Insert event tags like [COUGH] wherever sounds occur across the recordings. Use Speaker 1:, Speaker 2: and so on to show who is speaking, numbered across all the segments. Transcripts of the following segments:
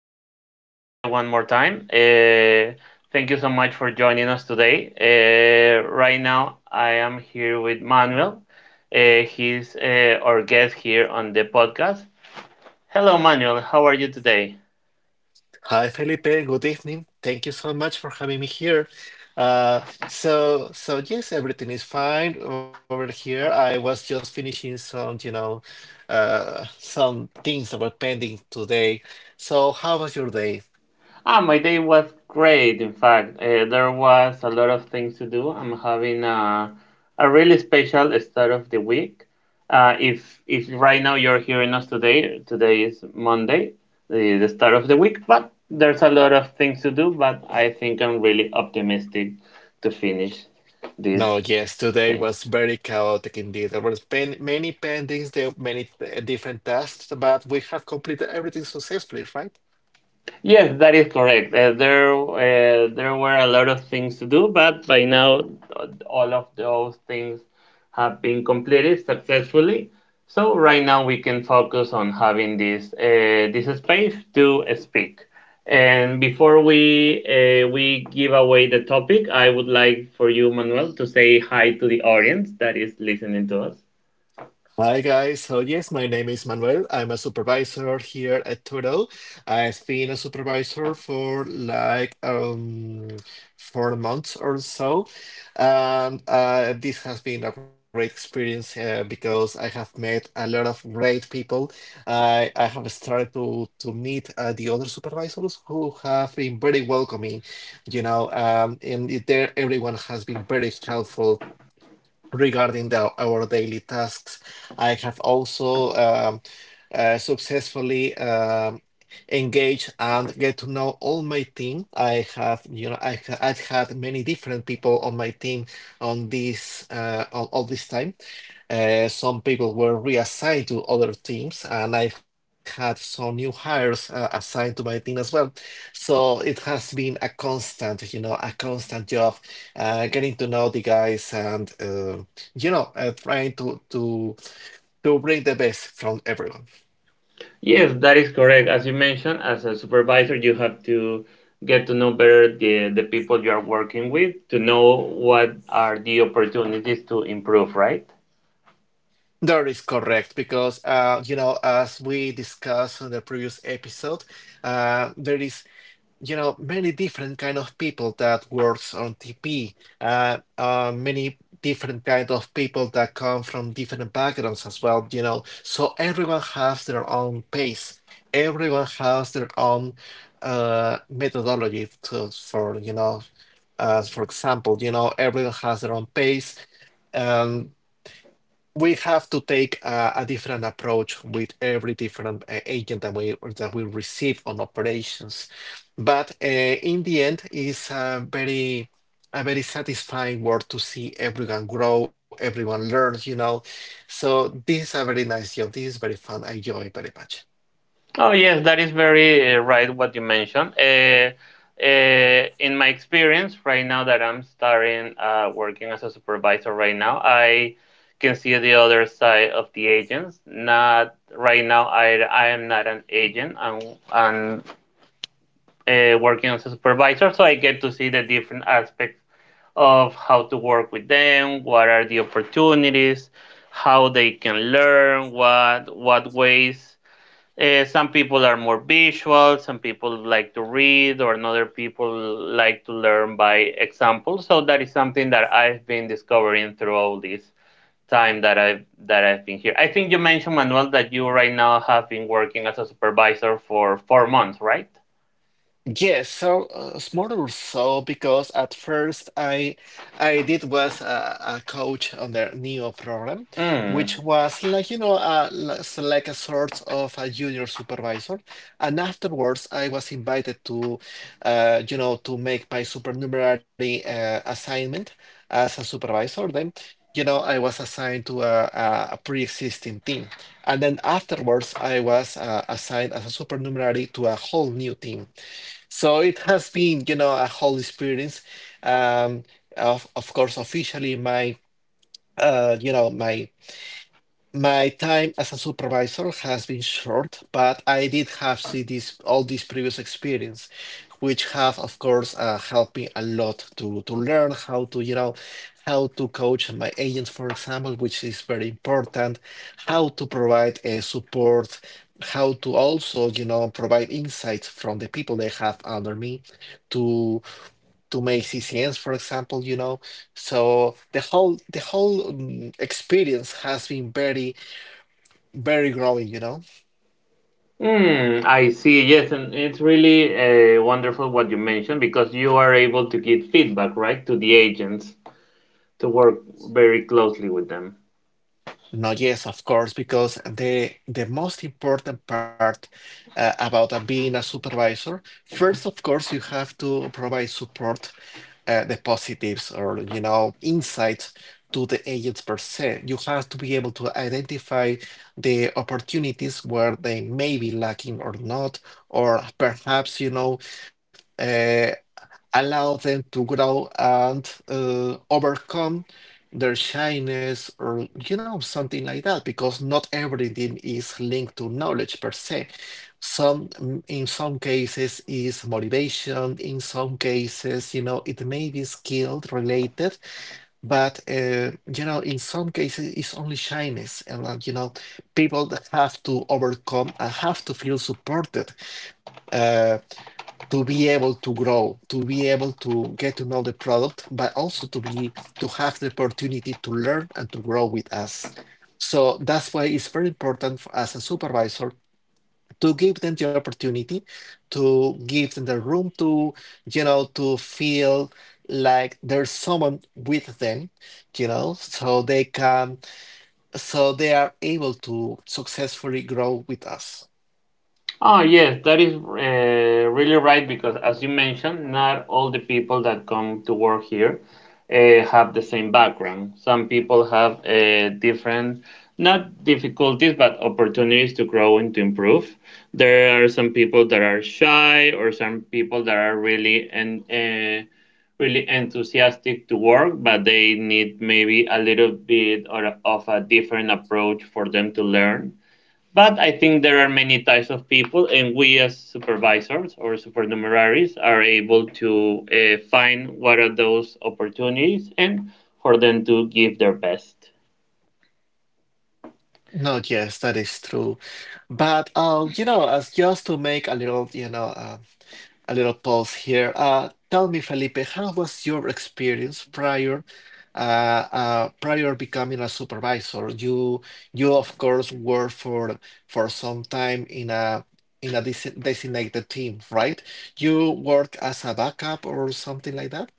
Speaker 1: This is Felipe one more time. Thank you so much for joining us today. Right now, I am here with Manuel. He's our guest here on the podcast. Hello, Manuel. How are you today?
Speaker 2: Hi, Felipe. Good evening. Thank you so much for having me here. So yes, everything is fine over here. I was just finishing some, you know, some things that were pending today. So, how was your day?
Speaker 1: Ah, my day was great. In fact, there was a lot of things to do. I'm having a really special start of the week. If right now you're hearing us today, today is Monday, the start of the week, but there's a lot of things to do, but I think I'm really optimistic to finish
Speaker 2: No,
Speaker 1: these
Speaker 2: yes, today
Speaker 1: things.
Speaker 2: was very chaotic indeed. There were pen many pendings, there were many different tasks, but we have completed everything successfully, right?
Speaker 1: Yes, that is correct. There were a lot of things to do, but by now all of those things have been completed successfully. So right now we can focus on having this space to speak. And before we give away the topic, I would like for you, Manuel, to say hi to the audience that is listening to us.
Speaker 2: Hi guys. So yes, my name is Manuel. I'm a supervisor here at Turo. I've been a supervisor for like 4 months or so, and this has been a great experience because I have met a lot of great people. I have started to meet the other supervisors who have been very welcoming, you know, and it- there everyone has been very helpful regarding our daily tasks. I have also successfully engage and get to know all my team. I have, you know, I've had many different people on my team on this on all this time. Some people were reassigned to other teams, and I've had some new hires assigned to my team as well. So it has been a constant, you know, a constant job, getting to know the guys and, you know, trying to bring the best from everyone.
Speaker 1: Yes, that is correct. As you mentioned, as a supervisor, you have to get to know better the people you are working with to know what are the opportunities to improve, right?
Speaker 2: That is correct because you know, as we discussed on the previous episode, there is, you know, many different kind of people that works on TP. Many different kind of people that come from different backgrounds as well. You know, so everyone has their own pace. Everyone has their own methodology to, for, you know, for example, you know, everyone has their own pace, um, we have to take a different approach with every different agent that we receive on operations. But in the end, it's a very satisfying work to see everyone grow, everyone learn, you know. So this is a very nice job. This is very fun. I enjoy it very much.
Speaker 1: Oh, yes, that is very right what you mentioned. In my experience, right now that I'm starting working as a supervisor right now, I can see the other side of the agents. Not right now, I am not an agent. I and Working as a supervisor, so I get to see the different aspects of how to work with them, what are the opportunities, how they can learn, what ways. Some people are more visual, some people like to read, or another people like to learn by example. So that is something that I've been discovering through all this time that I've been here. I think you mentioned, Manuel, that you right now have been working as a supervisor for 4 months, right?
Speaker 2: Yes, so smaller so because at first I did was a coach on the NEO program, which
Speaker 1: Mm.
Speaker 2: was like, you know, like a sort of a junior supervisor, and afterwards I was invited to you know, to make my supernumerary assignment as a supervisor. Then, you know, I was assigned to a pre-existing team, and then afterwards I was assigned as a supernumerary to a whole new team. So it has been, you know, a whole experience. Um, of course, officially my you know, my time as a supervisor has been short, but I did have see this all this previous experience, which have of course helped me a lot to learn how to, you know, how to coach my agents, for example, which is very important, how to provide support, how to also, you know, provide insights from the people they have under me to to make CCNs, for example, you know. So the whole experience has been very very growing, you know?
Speaker 1: Hmm. I see. Yes, and it's really wonderful what you mentioned because you are able to give feedback, right, to the agents to work very closely with them.
Speaker 2: No, yes, of course, because the most important part about being a supervisor, first, of course, you have to provide support, the positives or, you know, insights to the agents per se. You have to be able to identify the opportunities where they may be lacking or not, or perhaps, you know, uh, allow them to grow and overcome their shyness or, you know, something like that, because not everything is linked to knowledge per se. Some in some cases is motivation, in some cases, you know, it may be skill related, but you know, in some cases it's only shyness, and, like, you know, people that have to overcome and have to feel supported uh, to be able to grow, to be able to get to know the product, but also to be to have the opportunity to learn and to grow with us. So that's why it's very important for, as a supervisor, to give them the opportunity, to give them the room to, you know, to feel like there's someone with them, you know, so they can, so they are able to successfully grow with us.
Speaker 1: Oh, yes, that is really right because, as you mentioned, not all the people that come to work here have the same background. Some people have different, not difficulties, but opportunities to grow and to improve. There are some people that are shy, or some people that are really enthusiastic to work, but they need maybe a little bit or of a different approach for them to learn. But I think there are many types of people, and we as supervisors or supernumeraries are able to find what are those opportunities and for them to give their best.
Speaker 2: No, yes, that is true. But you know, as just to make a little, you know, a little pause here. Tell me, Felipe, how was your experience prior, prior becoming a supervisor? You of course worked for some time in a designated team, right? You work as a backup or something like that?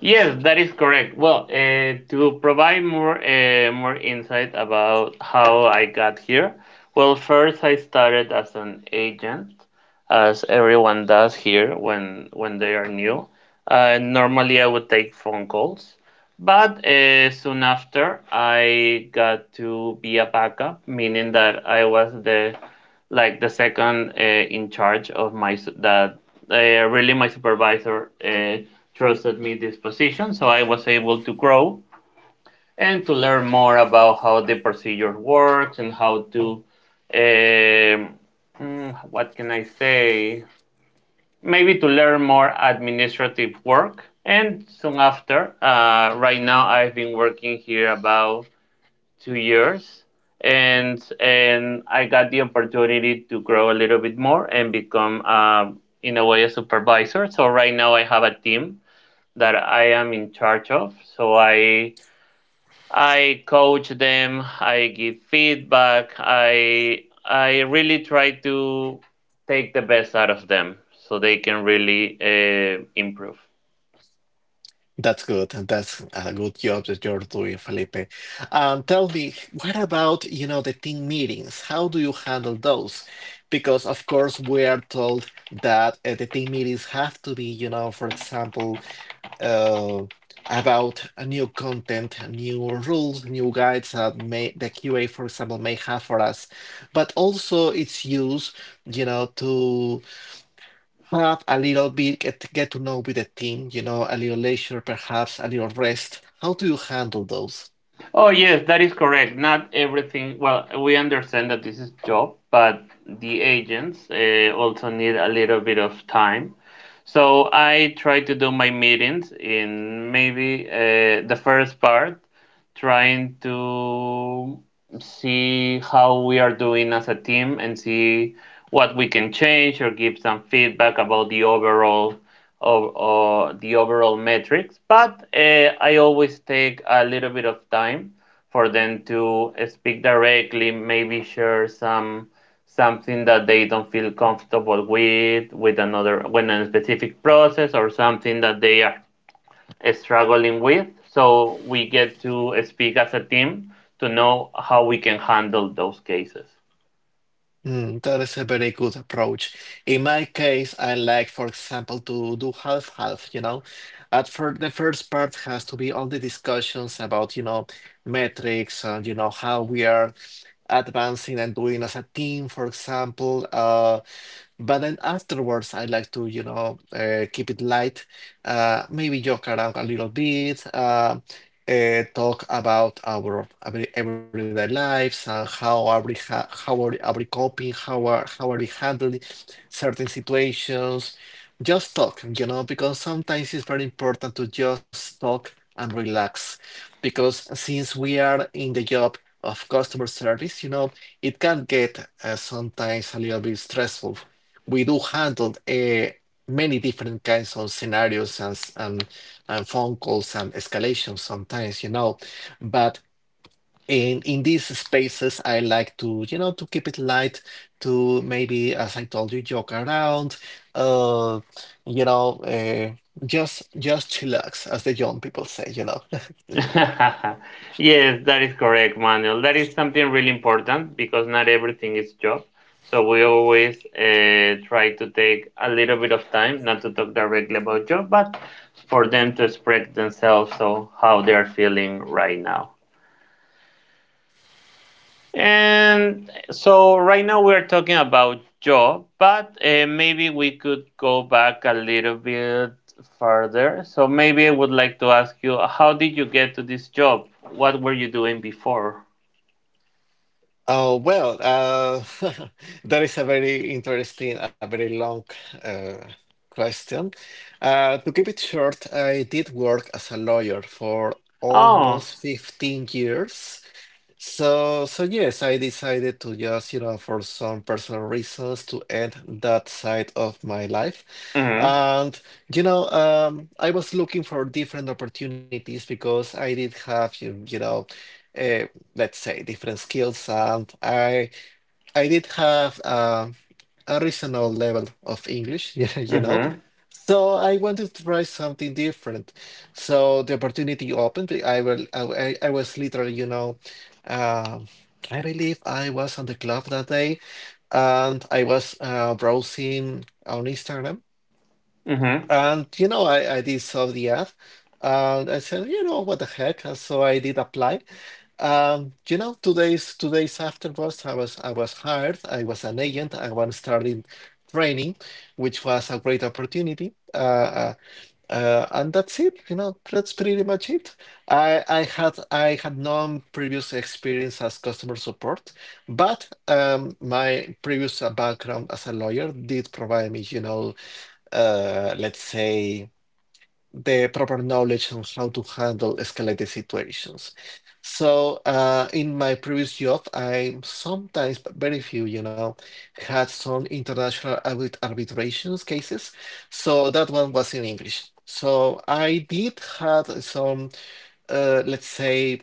Speaker 1: Yes, that is correct. Well, to provide more insight about how I got here, well, first I started as an agent, as everyone does here when they are new. Normally, I would take phone calls, but soon after, I got to be a backup, meaning that I was the like the second in charge of that uh, really my supervisor. Trusted me this position, so I was able to grow and to learn more about how the procedure works and how to, um, what can I say? Maybe to learn more administrative work. And soon after, right now I've been working here about 2 years, and I got the opportunity to grow a little bit more and become, in a way, a supervisor. So right now I have a team that I am in charge of. So I coach them, I give feedback, I really try to take the best out of them so they can really improve.
Speaker 2: That's good. That's a good job that you're doing, Felipe. Tell me, what about, you know, the team meetings? How do you handle those? Because of course we are told that the team meetings have to be, you know, for example, uh, about a new content, new rules, new guides that may the QA, for example, may have for us. But also it's used, you know, to have a little bit get to know with the team, you know, a little leisure, perhaps a little rest. How do you handle those?
Speaker 1: Oh, yes, that is correct. Not everything. Well, we understand that this is job, but the agents also need a little bit of time. So I try to do my meetings in maybe the first part, trying to see how we are doing as a team and see what we can change or give some feedback about the overall of or the overall metrics. But I always take a little bit of time for them to speak directly, maybe share something that they don't feel comfortable with another, when a specific process or something that they are struggling with. So we get to speak as a team to know how we can handle those cases.
Speaker 2: Mm, that is a very good approach. In my case, I like, for example, to do half half, you know. At first, the first part has to be all the discussions about, you know, metrics and, you know, how we are advancing and doing as a team, for example. But then afterwards, I like to, you know, keep it light, maybe joke around a little bit. Talk about our every, everyday lives and how are we ha how are, are we coping, how are we handling certain situations. Just talk, you know, because sometimes it's very important to just talk and relax. Because since we are in the job of customer service, you know, it can get sometimes a little bit stressful. We do handle many different kinds of scenarios and and phone calls and escalations sometimes, you know. But in these spaces, I like to, you know, to keep it light, to maybe, as I told you, joke around, uh, you know, just chillax, as the young people say, you know. [LAUGHS]
Speaker 1: [LAUGHS] Yes, that is correct, Manuel. That is something really important because not everything is job. So we always try to take a little bit of time, not to talk directly about job, but for them to express themselves, so how they're feeling right now. And so right now we're talking about job, but maybe we could go back a little bit further. So maybe I would like to ask you, how did you get to this job? What were you doing before?
Speaker 2: Oh well, [LAUGHS] that is a very interesting, a very long uh, question. To keep it short, I did work as a lawyer for
Speaker 1: Oh,
Speaker 2: almost 15 years. So, so yes, I decided to just, you know, for some personal reasons, to end that side of my life.
Speaker 1: mm-hmm,
Speaker 2: And, you know, I was looking for different opportunities because I did have, you know, uh, let's say, different skills, and I did have a reasonable level of English, [LAUGHS] yeah, you know.
Speaker 1: mm-hmm,
Speaker 2: So I wanted to try something different. So the opportunity opened. I will. I was literally, you know, um, I believe I was on the club that day, and I was browsing on Instagram.
Speaker 1: mm-hmm.
Speaker 2: And you know, I did saw the ad and I said, you know, what the heck? And so I did apply. You know, 2 days afterwards I was hired, I was an agent, I was starting training, which was a great opportunity. Uh, and that's it, you know, that's pretty much it. I had no previous experience as customer support, but my previous background as a lawyer did provide me, you know, let's say, the proper knowledge on how to handle escalated situations. So, in my previous job, I sometimes, but very few, you know, had some international arbitrations cases. So that one was in English. So I did had some, let's say,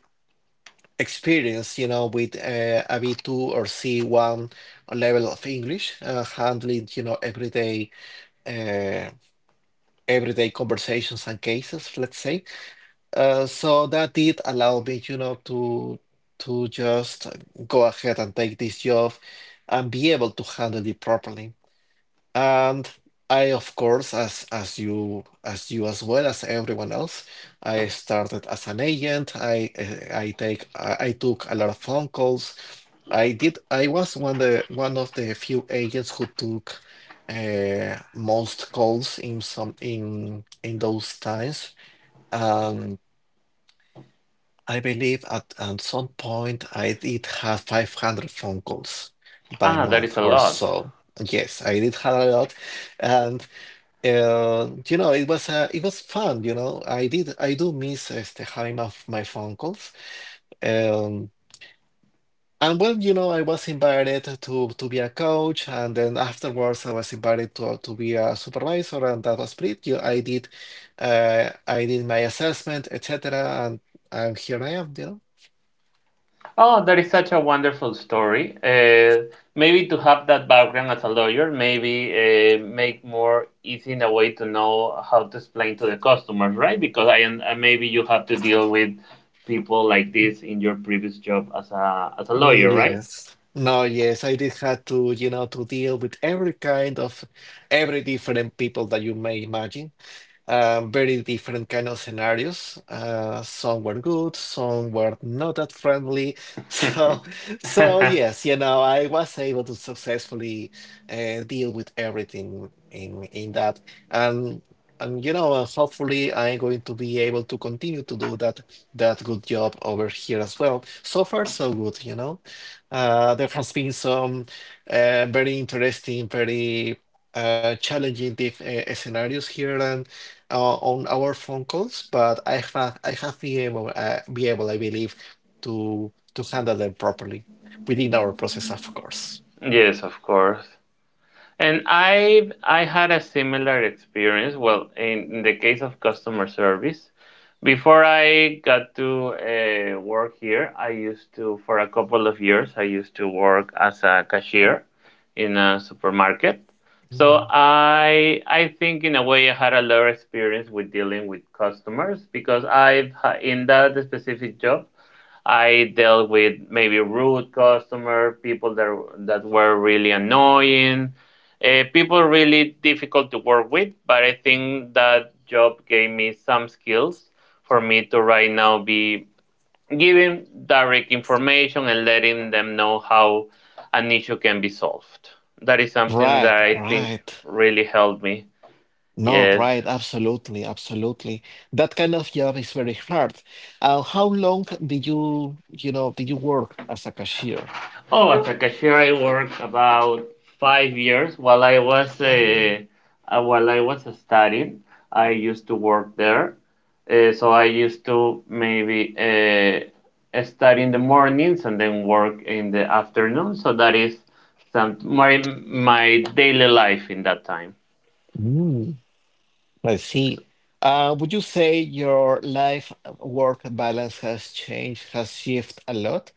Speaker 2: experience, you know, with a B2 or C1 level of English, handling, you know, everyday. uh, Everyday conversations and cases, let's say. So that did allow me, you know, to just go ahead and take this job and be able to handle it properly. And I, of course, as you as well as everyone else, I started as an agent. I took a lot of phone calls. I was one of the few agents who took most calls in some in those times. Um, I believe at some point I did have 500 phone calls by
Speaker 1: Ah, that is
Speaker 2: month
Speaker 1: a
Speaker 2: or
Speaker 1: lot.
Speaker 2: so. Yes, I did have a lot. And and you know, it was fun. You know, I do miss este, having my phone calls. Um, and well, you know, I was invited to be a coach, and then afterwards, I was invited to be a supervisor, and that was pretty. You I did my assessment, etc., and here I am. You know.
Speaker 1: Oh, that is such a wonderful story. Maybe to have that background as a lawyer, maybe make more easy in a way to know how to explain to the customers, right? Because maybe you have to deal with people like this in your previous job as a
Speaker 2: Mm,
Speaker 1: lawyer, right?
Speaker 2: yes. No, yes, I did have to, you know, to deal with every kind of every different people that you may imagine. Uh, very different kind of scenarios. Some were good, some were not that friendly. [LAUGHS] So, so
Speaker 1: [LAUGHS]
Speaker 2: yes, you know, I was able to successfully deal with everything in that, and you know, hopefully, I'm going to be able to continue to do that good job over here as well. So far, so good. You know, there has been some very interesting, very challenging scenarios here and on our phone calls, but I have been able I believe, to handle them properly within our process, of course.
Speaker 1: Yes, of course. And I had a similar experience. Well, in the case of customer service, before I got to work here, I used to for a couple of years I used to work as a cashier in a supermarket. So
Speaker 2: Mm.
Speaker 1: I think in a way I had a lot of experience with dealing with customers because in that specific job I dealt with maybe rude customer, people that were really annoying, people really difficult to work with. But I think that job gave me some skills for me to right now be giving direct information and letting them know how an issue can be solved. That is something that
Speaker 2: Right,
Speaker 1: I think
Speaker 2: right.
Speaker 1: really helped me.
Speaker 2: No,
Speaker 1: Yes.
Speaker 2: right, absolutely, absolutely. That kind of job is very hard. How long did you, you know, did you work as a cashier?
Speaker 1: Oh, as a cashier, I worked about 5 years while I was
Speaker 2: Oh,
Speaker 1: uh, uh, while I was studying. I used to work there, so I used to maybe study in the mornings and then work in the afternoon. So that is some my my daily life in that time.
Speaker 2: mm, I see. Would you say your life work balance has changed, has shifted a lot?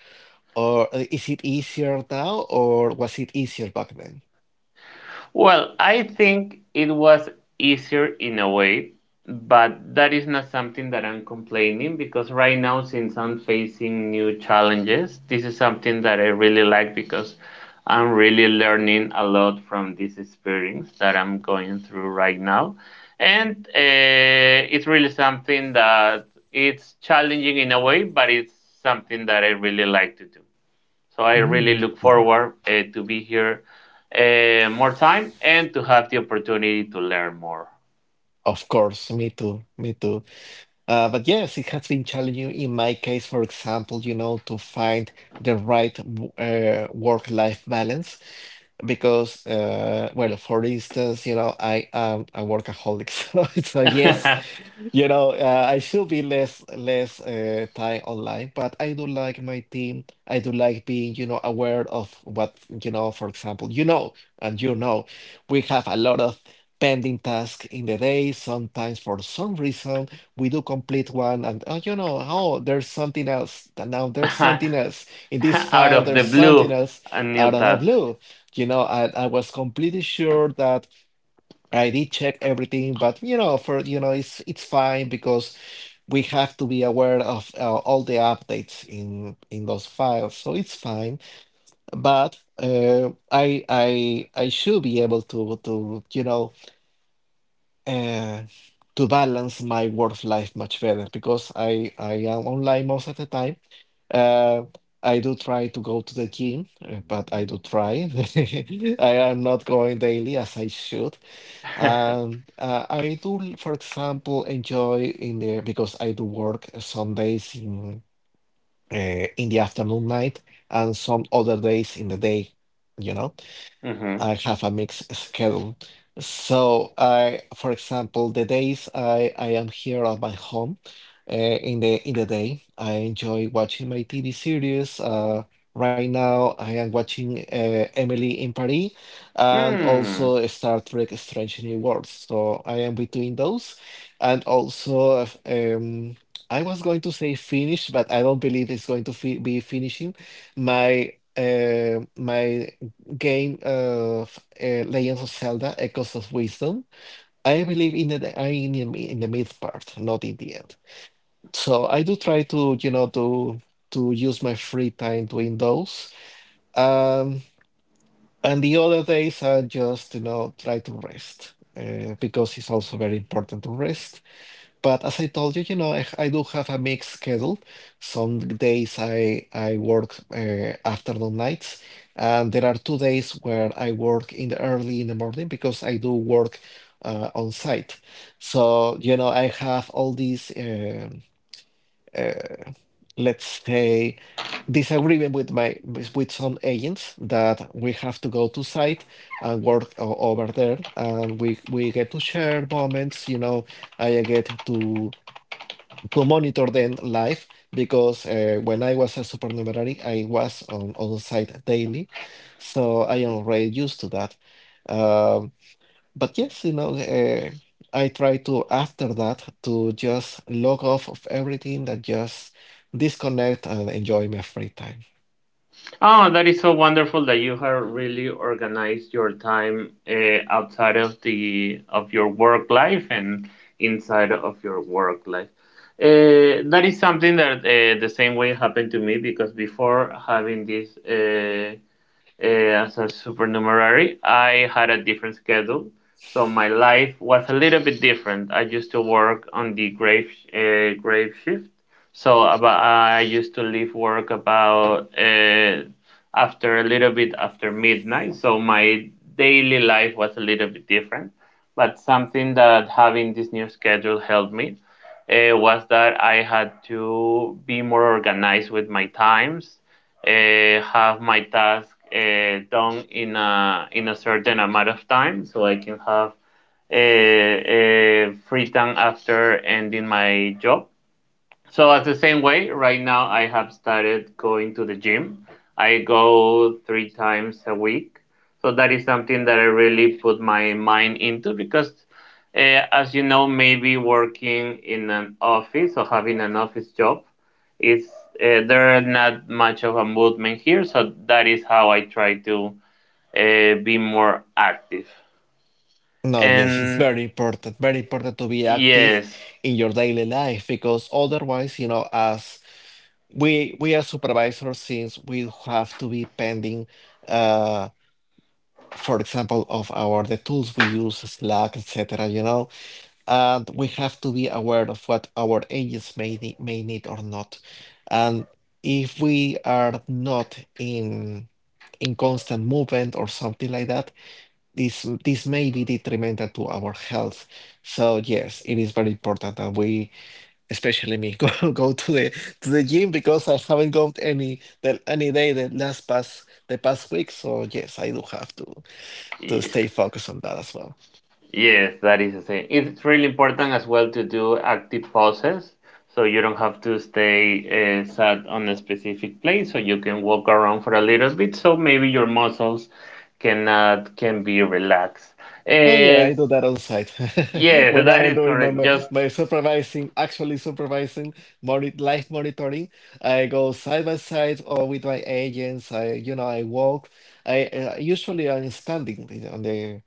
Speaker 2: Or is it easier now, or was it easier back then?
Speaker 1: Well, I think it was easier in a way, but that is not something that I'm complaining because right now, since I'm facing new challenges, this is something that I really like because I'm really learning a lot from this experience that I'm going through right now. And it's really something that it's challenging in a way, but it's something that I really like to do. So I really
Speaker 2: Mm.
Speaker 1: look forward to be here more time and to have the opportunity to learn more.
Speaker 2: Of course, me too, me too. But yes, it has been challenging in my case, for example, you know, to find the right work-life balance because, well, for instance, you know, I am a workaholic, [LAUGHS] so yes. [LAUGHS] You know, I should be less time online, but I do like my team. I do like being, you know, aware of what, you know, for example, you know, and you know, we have a lot of pending tasks in the day. Sometimes, for some reason, we do complete one, and oh, you know, oh, there's something else. And Now there's something
Speaker 1: [LAUGHS]
Speaker 2: else in this
Speaker 1: Out
Speaker 2: file.
Speaker 1: of the
Speaker 2: There's something
Speaker 1: blue,
Speaker 2: else
Speaker 1: a
Speaker 2: out
Speaker 1: new
Speaker 2: of the
Speaker 1: task.
Speaker 2: blue. You know, I was completely sure that. I did check everything, but you know, for you know, it's fine because we have to be aware of all the updates in those files, so it's fine. But I should be able to you know uh, to balance my work life much better because I am online most of the time. Uh, I do try to go to the gym, but I do try. [LAUGHS] I am not going daily as I should
Speaker 1: [LAUGHS]
Speaker 2: and I do, for example, enjoy in the because I do work some days uh, in the afternoon night and some other days in the day, you know.
Speaker 1: Hmm.
Speaker 2: I have a mixed schedule. So I, for example, the days I am here at my home, in the day, I enjoy watching my TV series. Right now, I am watching Emily in Paris and
Speaker 1: Mm.
Speaker 2: also Star Trek Strange New Worlds. So I am between those, and also I was going to say finish, but I don't believe it's going to fi be finishing my game of Legends of Zelda: Echoes of Wisdom. I believe in the I mean in the mid part, not in the end. So I do try to you know to use my free time doing those. Um, and the other days I just you know try to rest because it's also very important to rest. But as I told you, you know, I do have a mixed schedule. Some days I work afternoon nights, and there are 2 days where I work in the early in the morning because I do work on site. So, you know, I have all these uh, let's say disagreement with my with some agents that we have to go to site and work over there, and we get to share moments, you know, I get to monitor them live because when I was a supernumerary, I was on site daily, so I am already used to that. Um, but yes, you know, I try to after that to just log off of everything that just disconnect and enjoy my free time.
Speaker 1: Oh, that is so wonderful that you have really organized your time outside of your work life and inside of your work life. That is something that the same way happened to me because before having this. As a supernumerary. I had a different schedule, so my life was a little bit different. I used to work on the grave shift, so about, I used to leave work about after a little bit after midnight. So my daily life was a little bit different, but something that having this new schedule helped me. Was that I had to be more organized with my times have my task done in a certain amount of time, so I can have a, a free time after ending my job. So at the same way, right now I have started going to the gym. I go three times a week. So that is something that I really put my mind into because, uh, as you know, maybe working in an office or having an office job is there not much of a movement here. So that is how I try to be more active.
Speaker 2: No, yes, it's
Speaker 1: And
Speaker 2: very important to be active
Speaker 1: yes,
Speaker 2: in your daily life because otherwise, you know, as we as supervisors since we have to be pending, uh, for example, of our the tools we use, Slack, etc. You know, and we have to be aware of what our agents may may need or not, and if we are not in constant movement or something like that, this may be detrimental to our health. So yes, it is very important that we especially me, [LAUGHS] go to the gym because I haven't gone any day the past week. So yes, I do have to stay focused on that as well.
Speaker 1: Yes, that is the thing. It's really important as well to do active pauses so you don't have to stay sat on a specific place so you can walk around for a little bit so maybe your muscles cannot can be relaxed.
Speaker 2: Oh yeah, I
Speaker 1: Uh,
Speaker 2: do that on site. [LAUGHS]
Speaker 1: yes, [LAUGHS]
Speaker 2: When I
Speaker 1: that
Speaker 2: am
Speaker 1: is
Speaker 2: doing my,
Speaker 1: correct.
Speaker 2: my
Speaker 1: Just
Speaker 2: my supervising, actually supervising live monitoring, I go side by side or with my agents. I You know I walk. I Usually I'm standing you on the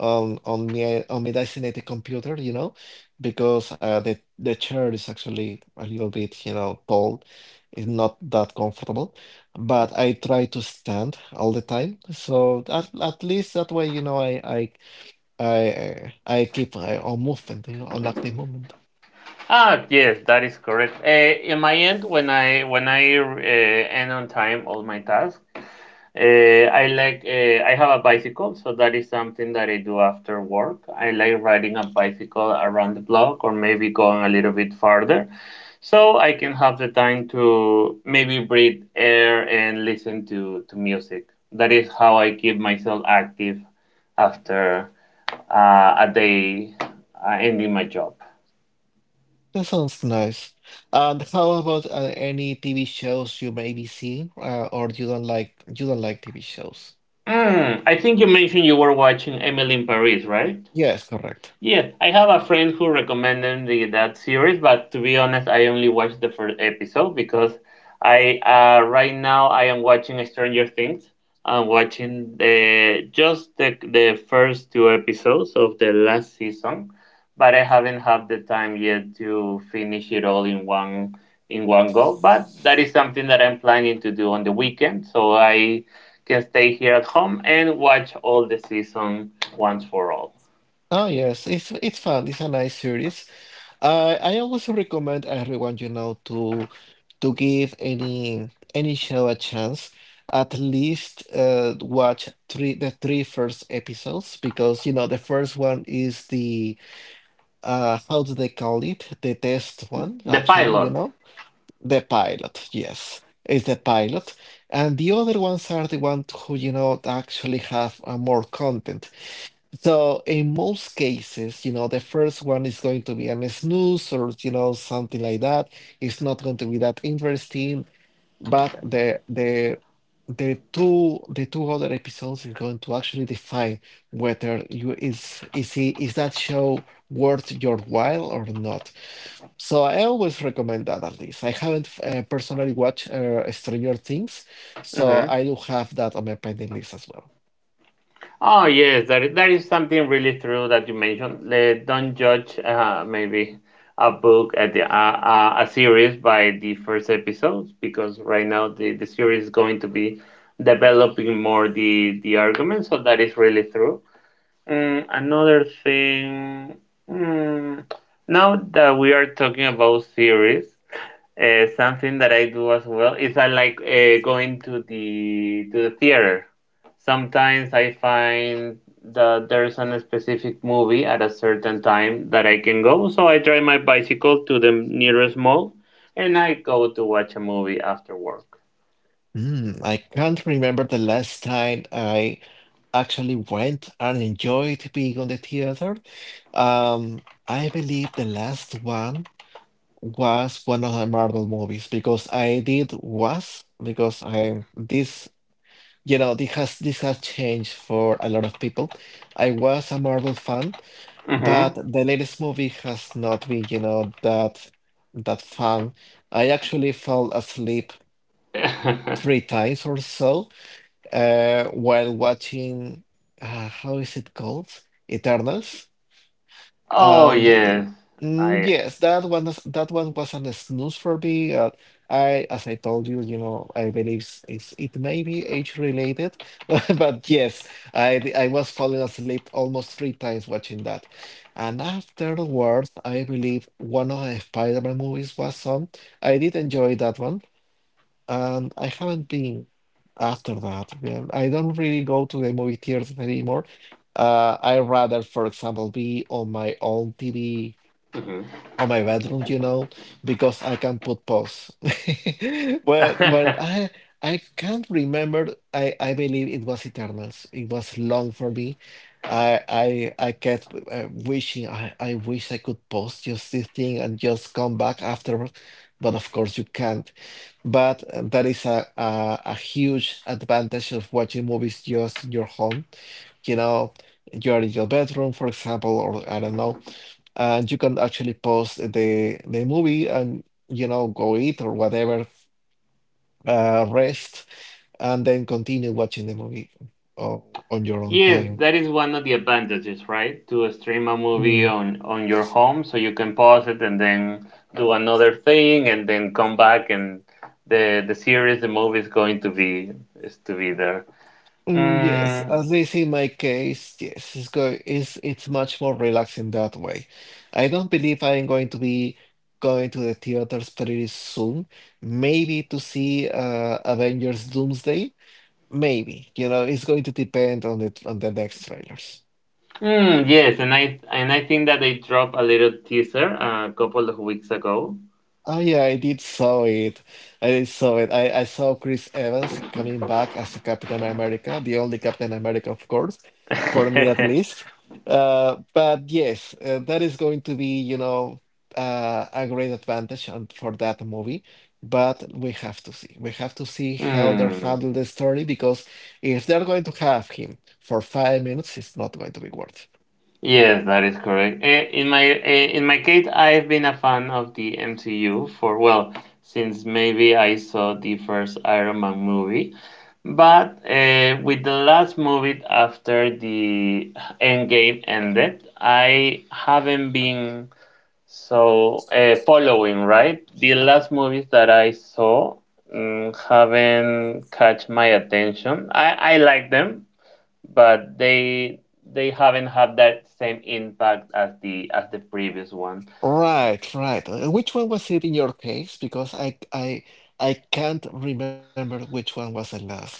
Speaker 2: on my designated computer, you know, because the chair is actually a little bit you know tall. It's not that comfortable, but I try to stand all the time. So at least that way, you know, I keep almost and you know all at moment.
Speaker 1: Ah, yes, that is correct. In my end, when I end on time all my tasks, I have a bicycle, so that is something that I do after work. I like riding a bicycle around the block or maybe going a little bit farther, so I can have the time to maybe breathe air and listen to music. That is how I keep myself active after a day ending my job.
Speaker 2: That sounds nice. And how about any TV shows you may be seeing, or you don't like TV shows?
Speaker 1: Mm, I think you mentioned you were watching Emily in Paris, right?
Speaker 2: Yes, correct.
Speaker 1: Yeah, I have a friend who recommended me that series, but to be honest, I only watched the first episode because I right now I am watching Stranger Things. I'm watching the just the first two episodes of the last season, but I haven't had the time yet to finish it all in one go. But that is something that I'm planning to do on the weekend, so I can stay here at home and watch all the season once for all.
Speaker 2: Oh yes, it's fun. It's a nice series. I always recommend everyone you know to give any show a chance. At least watch three the three first episodes because you know the first one is the how do they call it, the test one,
Speaker 1: The
Speaker 2: actually, you
Speaker 1: pilot.
Speaker 2: know, the pilot, yes, it's the pilot, and the other ones are the ones who you know actually have more content, so in most cases you know the first one is going to be an snooze or you know something like that, it's not going to be that interesting, but the two other episodes is going to actually define whether you is it, is that show worth your while or not. So I always recommend that at least. I haven't personally watched Stranger Things, so
Speaker 1: Hmm.
Speaker 2: I do have that on my pending list as well.
Speaker 1: Oh yes, that is something really true that you mentioned. Don't judge maybe a book at the a series by the first episodes because right now the series is going to be developing more the argument. So that is really true. Mm, another thing, mm, now that we are talking about series. Something that I do as well is I like going to the theater. Sometimes I find that there's a specific movie at a certain time that I can go, so I drive my bicycle to the nearest mall and I go to watch a movie after work.
Speaker 2: Hmm, I can't remember the last time I actually went and enjoyed being on the theater. I believe the last one was one of the Marvel movies because I did was because I this you know this has changed for a lot of people. I was a Marvel fan, but
Speaker 1: Hmm.
Speaker 2: the latest movie has not been you know that fun. I actually fell asleep
Speaker 1: [LAUGHS]
Speaker 2: 3 times or so while watching how is it called? Eternals.
Speaker 1: Oh yes,
Speaker 2: Um,
Speaker 1: I.
Speaker 2: yes, that one was not a snooze for me. I, as I told you, you know, I believe it's, it may be age related, [LAUGHS] but yes, I was falling asleep almost 3 times watching that, and afterwards, I believe one of the Spider-Man movies was on. I did enjoy that one and I haven't been after that. Well, I don't really go to the movie theaters anymore. I rather, for example, be on my own TV
Speaker 1: Mhm.
Speaker 2: on my bedroom, you know, because I can put pause. [LAUGHS] When
Speaker 1: [LAUGHS]
Speaker 2: I can't remember, I believe it was Eternals. It was long for me. I kept wishing I wish I could pause just this thing and just come back afterward, but of course you can't. But that is a huge advantage of watching movies just in your home. You know, you're in your bedroom, for example, or I don't know, and you can actually pause the movie and you know go eat or whatever, rest, and then continue watching the movie on, on your own
Speaker 1: Yes,
Speaker 2: time.
Speaker 1: that is one of the advantages, right? To stream a
Speaker 2: Mm.
Speaker 1: movie on your home so you can pause it and then do another thing and then come back and the movie is going to be is to be there.
Speaker 2: Mm, yes,
Speaker 1: Mm,
Speaker 2: at least in my case, yes, it's much more relaxing that way. I don't believe I'm going to be going to the theaters pretty soon. Maybe to see Avengers Doomsday. Maybe, you know, it's going to depend on the next trailers.
Speaker 1: mm, yes, and I think that they dropped a little teaser a couple of weeks ago.
Speaker 2: Oh yeah, I did saw it. I did saw it. I saw Chris Evans coming back as a Captain America, the only Captain America, of course, for me at
Speaker 1: [LAUGHS]
Speaker 2: least. But yes, that is going to be, you know, a great advantage for that movie. But we have to see. We have to see how they're
Speaker 1: Hmm.
Speaker 2: handling the story because if they're going to have him for 5 minutes, it's not going to be worth it.
Speaker 1: Yes, that is correct. In my case, I've been a fan of the MCU for well, since maybe I saw the first Iron Man movie, but with the last movie after the Endgame ended, I haven't been so following, right? The last movies that I saw mm, haven't catch my attention. I like them, but they haven't had that same impact as the previous one.
Speaker 2: Right, right. Which one was it in your case? Because I I can't remember which one was the last one.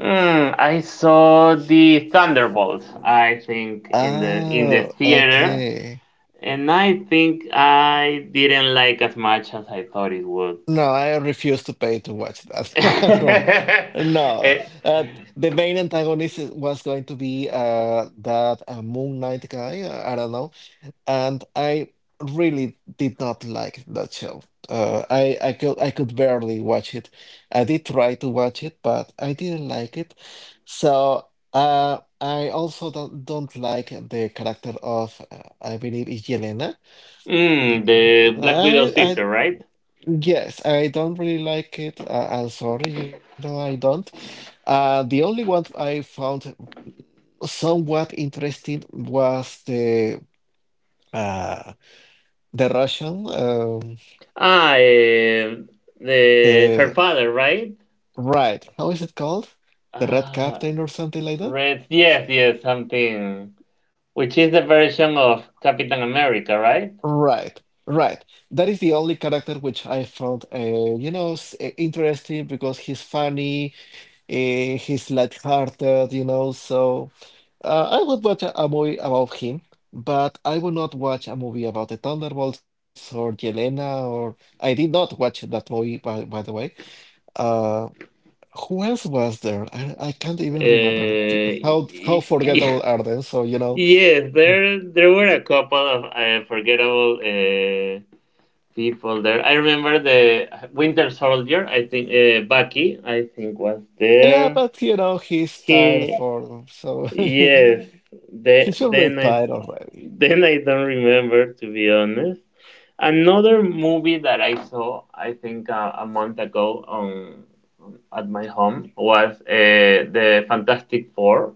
Speaker 1: Mm, I saw the Thunderbolts, I think, in the
Speaker 2: Oh,
Speaker 1: theater,
Speaker 2: okay.
Speaker 1: and I think I didn't like as much as I thought it would.
Speaker 2: No, I refuse to pay to watch that. [LAUGHS] No,
Speaker 1: [LAUGHS]
Speaker 2: no.
Speaker 1: Eh,
Speaker 2: Uh, the main antagonist was going to be that Moon Knight guy. I don't know. And I really did not like that show. I could I could barely watch it. I did try to watch it, but I didn't like it. So I also don't like the character of I believe it's Yelena.
Speaker 1: mm, the Black Widow
Speaker 2: I
Speaker 1: sister, right?
Speaker 2: yes, I don't really like it. I'm sorry, I don't. The only one I found somewhat interesting was uh, the Russian,
Speaker 1: Ah, eh, the her
Speaker 2: the
Speaker 1: father, right?
Speaker 2: right. How is it called? The Red
Speaker 1: Ah,
Speaker 2: Captain or something like that?
Speaker 1: Red. Yes, yes, something. Which is the version of Captain America, right?
Speaker 2: Right, right. That is the only character which I found, interesting because he's funny, he's lighthearted, you know. So I would watch a movie about him, but I would not watch a movie about the Thunderbolts or Yelena. Or I did not watch that movie by the way. Uh, Who else was there? I can't even remember.
Speaker 1: Uh, [LAUGHS]
Speaker 2: How
Speaker 1: y- y-
Speaker 2: forgettable are they? So, you know,
Speaker 1: yes, there were a couple of forgettable people there. I remember the Winter Soldier. I think Bucky. I think was
Speaker 2: yeah,
Speaker 1: there.
Speaker 2: but you know, he's
Speaker 1: He
Speaker 2: tired for so
Speaker 1: yes.
Speaker 2: [LAUGHS] he
Speaker 1: The,
Speaker 2: should
Speaker 1: then I
Speaker 2: retire
Speaker 1: [LAUGHS]
Speaker 2: already.
Speaker 1: Then I don't remember to be honest. Another movie that I saw, I think a month ago on at my home was the Fantastic Four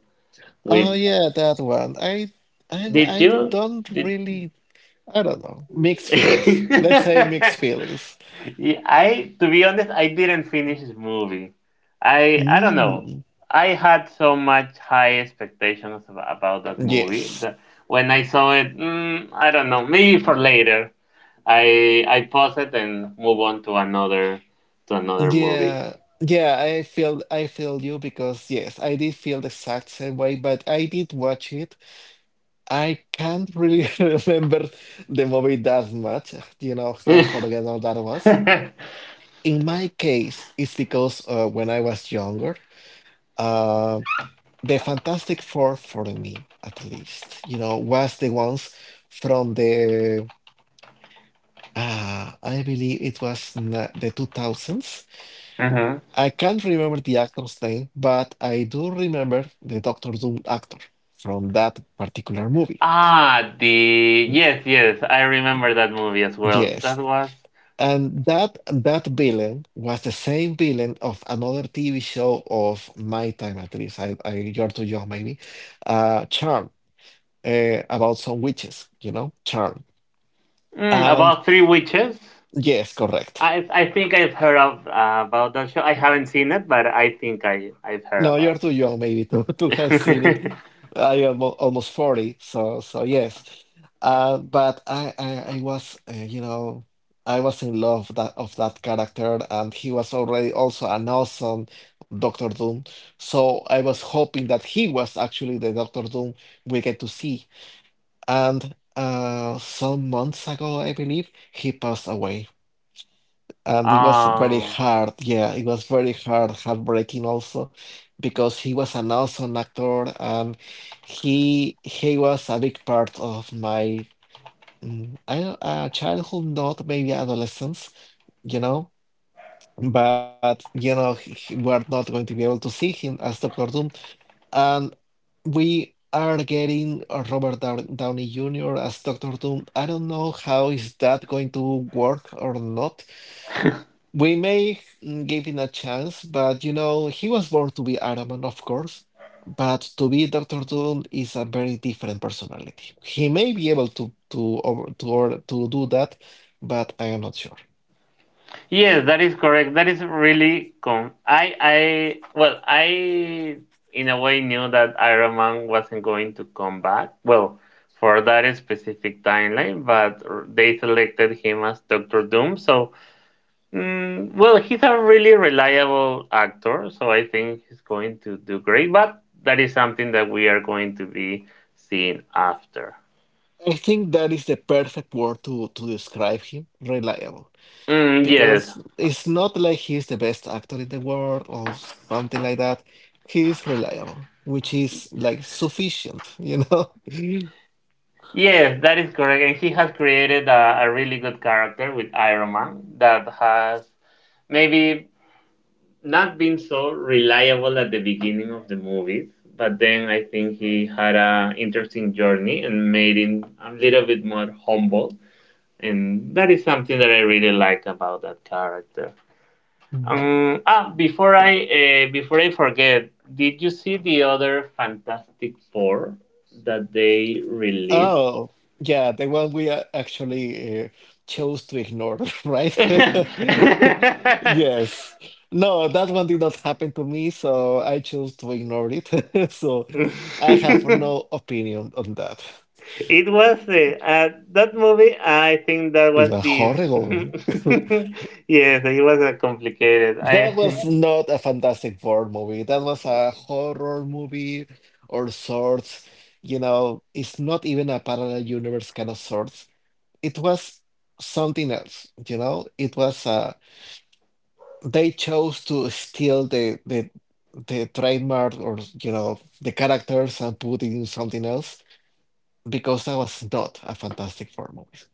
Speaker 1: with
Speaker 2: Oh yeah, that one.
Speaker 1: did
Speaker 2: I
Speaker 1: you
Speaker 2: don't
Speaker 1: did
Speaker 2: really I don't know. Mixed feelings. Let's say mixed
Speaker 1: [LAUGHS]
Speaker 2: feelings.
Speaker 1: Yeah, I to be honest I didn't finish this movie. I don't know.
Speaker 2: Mm,
Speaker 1: I had so much high expectations about that movie
Speaker 2: yes.
Speaker 1: that when I saw it, mm, I don't know, maybe for later. I pause it and move on to another movie.
Speaker 2: Yeah. Yeah, I feel you because yes, I did feel the exact same way, but I did watch it. I can't really [LAUGHS] remember the movie that much. You know how
Speaker 1: [LAUGHS]
Speaker 2: forgettable that was. In my case, it's because when I was younger, uh, the Fantastic Four for me, at least, you know, was the ones from the I believe it was in the 2000s.
Speaker 1: Mhm.
Speaker 2: I can't remember the actor's name, but I do remember the Doctor Doom actor from that particular movie.
Speaker 1: Ah, the Yes, yes, I remember that movie as well.
Speaker 2: Yes.
Speaker 1: That was
Speaker 2: And that villain was the same villain of another TV show of my time at least. I You're too young maybe. Charm, about some witches, you know, Charm.
Speaker 1: mm,
Speaker 2: And
Speaker 1: about three witches.
Speaker 2: yes, correct.
Speaker 1: I think I've heard of about that show. I haven't seen it, but I think I've heard
Speaker 2: No, you're
Speaker 1: about
Speaker 2: too young maybe to, [LAUGHS] to have seen it.
Speaker 1: it. [LAUGHS]
Speaker 2: I am almost 40, so so yes. But I I was you know I was in love that of that character and he was already also an awesome Doctor Doom. So I was hoping that he was actually the Doctor Doom we get to see. And some months ago, I believe, he passed away. And it was very
Speaker 1: Oh,
Speaker 2: hard. Yeah, it was very hard, heartbreaking also, because he was an awesome actor and he was a big part of my mm, I don't- childhood, not maybe adolescence, you know. But you know, we're not going to be able to see him as Doctor Doom, and we are getting Robert Downey Jr. as Doctor Doom. I don't know how is that going to work or not. We may give him a chance, but you know, he was born to be Iron Man, of course, but to be Doctor Doom is a very different personality. He may be able to to do that, but I am not sure.
Speaker 1: yes, that is correct. That is really con. I well, I in a way knew that Iron Man wasn't going to come back. Well, for that specific timeline, but they selected him as Doctor Doom, so. Mm, well, he's a really reliable actor, so I think he's going to do great, but that is something that we are going to be seeing after.
Speaker 2: I think that is the perfect word to describe him, reliable,
Speaker 1: Mm, yes,
Speaker 2: because it's not like he's the best actor in the world or something like that. He is reliable, which is like sufficient, you know?
Speaker 1: yes, that is correct. And he has created a really good character with Iron Man that has maybe not been so reliable at the beginning of the movies, but then I think he had an interesting journey and made him a little bit more humble, and that is something that I really like about that character.
Speaker 2: [LAUGHS]
Speaker 1: Before I forget, did you see the other Fantastic Four that they released?
Speaker 2: Oh, yeah, the one we actually chose to ignore, [LAUGHS] right?
Speaker 1: [LAUGHS] It
Speaker 2: [LAUGHS] Yes. No, that one did not happen to me, so I chose to ignore it. [LAUGHS] So I have no opinion on that.
Speaker 1: was that movie. I think that
Speaker 2: It
Speaker 1: was
Speaker 2: was
Speaker 1: the
Speaker 2: horrible. [LAUGHS]
Speaker 1: [LAUGHS] yes, it was complicated.
Speaker 2: That
Speaker 1: I
Speaker 2: was
Speaker 1: [LAUGHS]
Speaker 2: not a Fantastic Four movie. That was a horror movie or sorts. You know, it's not even a parallel universe kind of sorts. It was something else, you know? It was a they chose to steal the the trademark or you know the characters and put in something else because that was not a Fantastic Four movie.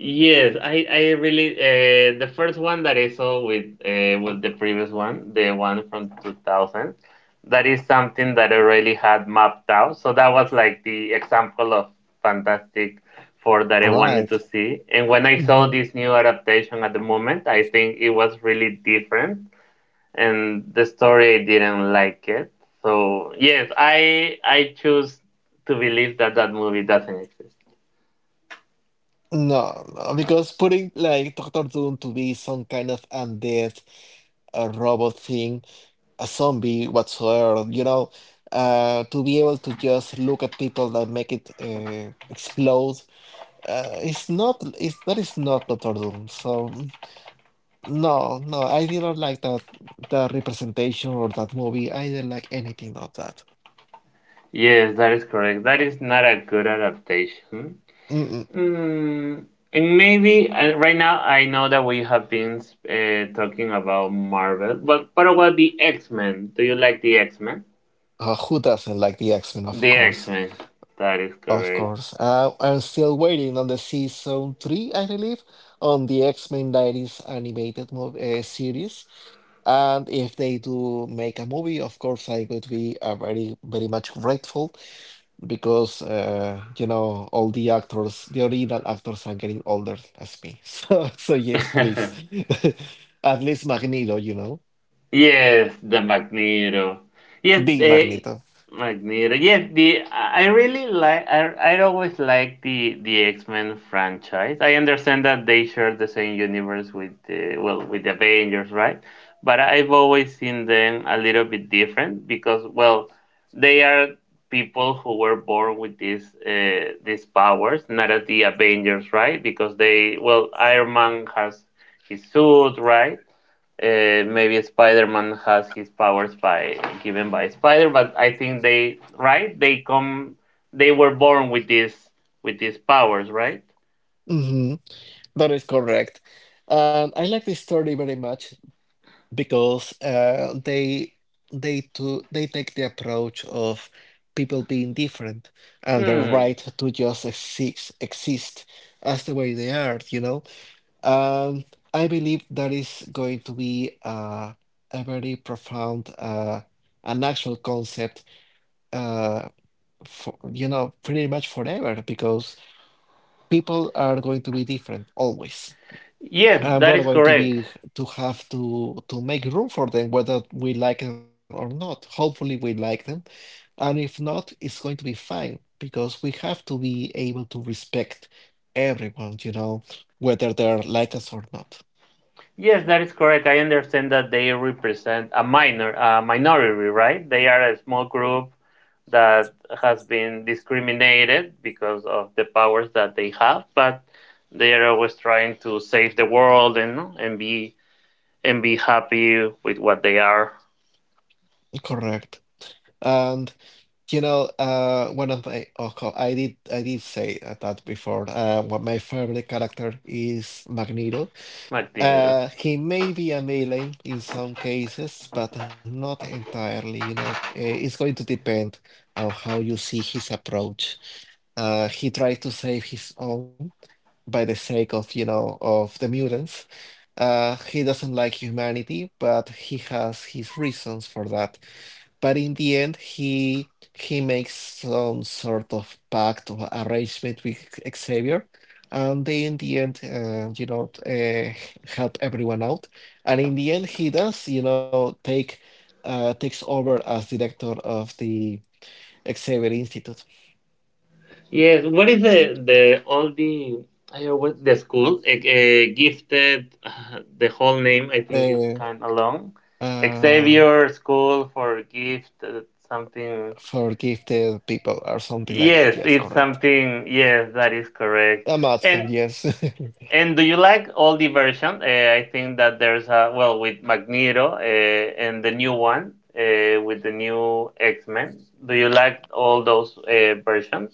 Speaker 1: Yes, I really the first one that I saw with the previous one, the one from 2000, that is something that I really had mapped out. So that was like the example of Fantastic Four that I wanted to
Speaker 2: Right.
Speaker 1: see. And when I saw
Speaker 2: Hmm.
Speaker 1: this new adaptation at the moment, I think it was really different, and the story I didn't like it. So yes, I choose to believe that that movie doesn't exist.
Speaker 2: No, no, because putting like Doctor Doom to be some kind of undead, a robot thing, a zombie whatsoever, you know, to be able to just look at people that make it explode, it's not, it's, that is not Doctor Doom. So no, no, I didn't like that representation or that movie. I didn't like anything of that.
Speaker 1: Yes, that is correct. That is not a good adaptation.
Speaker 2: Mm-mm.
Speaker 1: Mm, and maybe right now I know that we have been talking about Marvel, but what about the X-Men? Do you like the X-Men?
Speaker 2: Who doesn't like the X-Men? Of
Speaker 1: The
Speaker 2: course,
Speaker 1: X-Men. That is
Speaker 2: of
Speaker 1: correct.
Speaker 2: course. I'm still waiting on the season three, I believe, on the X-Men 90s animated movie series. And if they do make a movie, of course, I would be very, very much grateful, because you know all the actors, the original actors are getting older as me. [LAUGHS] So so yes, please.
Speaker 1: [LAUGHS]
Speaker 2: [LAUGHS] At least Magneto, you know,
Speaker 1: Yes, the Magneto. Yes,
Speaker 2: the
Speaker 1: eh,
Speaker 2: Magneto.
Speaker 1: Magneto. Yes, the I really like. I always like the X-Men franchise. I understand that they share the same universe with the well with the Avengers, right? But I've always seen them a little bit different because well, they are people who were born with these powers, not as the Avengers, right? Because they well, Iron Man has his suit, right? Maybe Spider-Man has his powers by given by Spider, but I think they right they come they were born with this with these powers, right?
Speaker 2: Hmm. That is correct. And I like this story very much because they take the approach of people being different and their
Speaker 1: Hmm.
Speaker 2: right to just exist as the way they are, you know. Um, I believe that is going to be a very profound, an actual concept, uh, for, you know, pretty much forever, because people are going to be different always,
Speaker 1: Yes,
Speaker 2: and
Speaker 1: that
Speaker 2: we're
Speaker 1: is
Speaker 2: going to
Speaker 1: correct.
Speaker 2: be to have to make room for them, whether we like it or not. Hopefully, we like them, and if not, it's going to be fine because we have to be able to respect everyone, you know, whether they're like us or not.
Speaker 1: Yes, that is correct. I understand that they represent a minority, right? They are a small group that has been discriminated because of the powers that they have, but they are always trying to save the world and be happy with what they are.
Speaker 2: Correct. And you know, one of my oh, co- I did say that before. One my favorite character is Magneto.
Speaker 1: Magneto.
Speaker 2: He may be a villain in some cases, but not entirely. You know, it's going to depend on how you see his approach. He tried to save his own by the sake of you know of the mutants. He doesn't like humanity, but he has his reasons for that, but in the end he makes some sort of pact or arrangement with Xavier and they in the end help everyone out, and in the end he does you know takes over as director of the Xavier Institute,
Speaker 1: Yes. What is the school gifted the whole name I think is
Speaker 2: the
Speaker 1: kind of long.
Speaker 2: uh,
Speaker 1: Xavier School for Gifted something.
Speaker 2: for gifted people or something like that,
Speaker 1: Yes,
Speaker 2: yes
Speaker 1: it's
Speaker 2: correct,
Speaker 1: something. Yes, that is correct.
Speaker 2: a mouthful
Speaker 1: And
Speaker 2: yes.
Speaker 1: And do you like all the version? I think that there's a well with Magneto and the new one with the new X-Men. Do you like all those versions?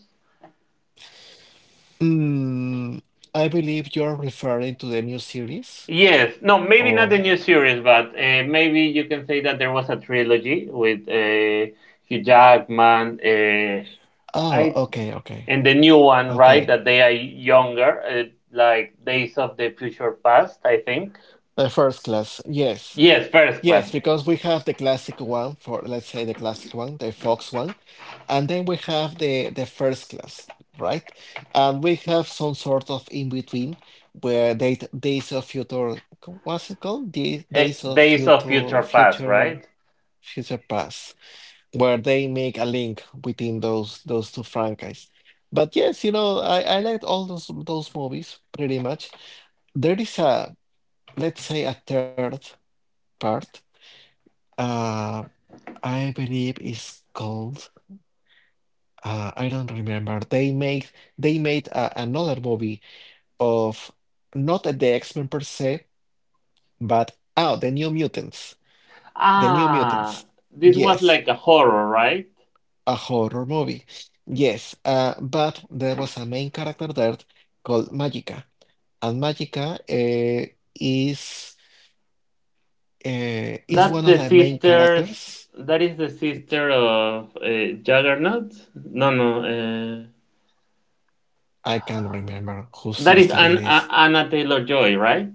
Speaker 2: [LAUGHS] mm, I believe you are referring to the new series
Speaker 1: Yes. No, maybe not
Speaker 2: or.
Speaker 1: the new series, but maybe you can say that there was a trilogy with Hugh Jackman.
Speaker 2: Oh,
Speaker 1: I
Speaker 2: okay, okay,
Speaker 1: and The new one, right?
Speaker 2: okay.
Speaker 1: That they are younger, like Days of the Future Past, I think.
Speaker 2: The first class, yes,
Speaker 1: Yes, First Class.
Speaker 2: yes, because we have the classic one for, let's say, the classic one, the Fox one, and then we have the first class, right? And we have some sort of in between where they, Days of Future, what's it called? The
Speaker 1: Eh,
Speaker 2: Days of
Speaker 1: Days of
Speaker 2: Future,
Speaker 1: Future Past, right?
Speaker 2: Future Past, where they make a link between those two franchises. But yes, you know, I liked all those movies pretty much. There is a let's say a third part uh I believe is called I don't remember, they make they made a, another movie of not the X-Men per se but oh the New Mutants, the New
Speaker 1: Ah,
Speaker 2: Mutants,
Speaker 1: this was like a
Speaker 2: yes,
Speaker 1: horror, right?
Speaker 2: a horror movie, yes. But there was a main character there called Magica, and Magica is is
Speaker 1: That
Speaker 2: one of
Speaker 1: the
Speaker 2: the main
Speaker 1: sisters,
Speaker 2: characters.
Speaker 1: that is the sister of Juggernaut? No, no,
Speaker 2: I can't remember whose
Speaker 1: that is
Speaker 2: sister it is.
Speaker 1: Anna Taylor-Joy, right?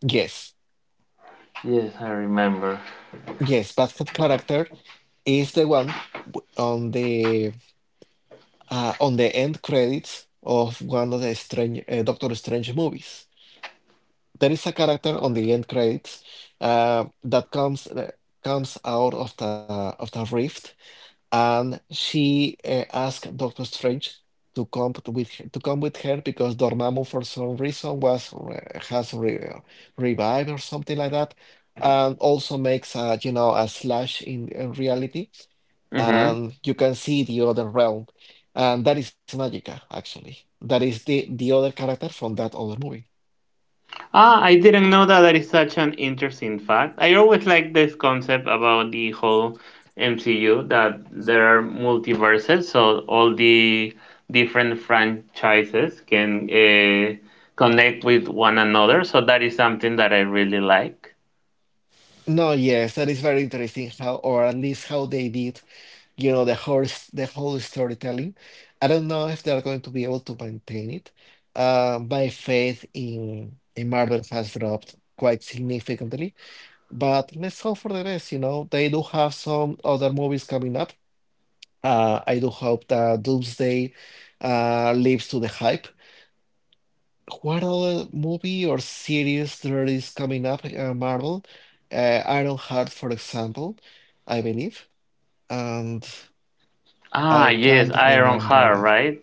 Speaker 2: Yes,
Speaker 1: Yes, I remember.
Speaker 2: yes, but that character is the one w- on the on the end credits of one of the strange Doctor Strange movies. There is a character on the end credits that comes out of the rift and she asked Doctor Strange to come t- with h- to come with her because Dormammu for some reason has revived or something like that, and also makes a you know a slash in reality,
Speaker 1: Hmm.
Speaker 2: and you can see the other realm, and that is Magica actually. That is the other character from that other movie.
Speaker 1: Ah, I didn't know that that is such an interesting fact. I always like this concept about the whole MCU that there are multiverses, so all the different franchises can connect with one another. So that is something that I really like.
Speaker 2: No, yes, that is very interesting how, or at least how they did, you know the whole storytelling. I don't know if they're going to be able to maintain it. My faith in Marvel has dropped quite significantly, but let's hope for the best. You know, they do have some other movies coming up. I do hope that Doomsday lives to the hype. What other movie or series there is coming up? Marvel, Iron Heart, for example, I believe, and.
Speaker 1: Ah,
Speaker 2: I
Speaker 1: yes,
Speaker 2: can't
Speaker 1: Iron Heart,
Speaker 2: remember.
Speaker 1: right?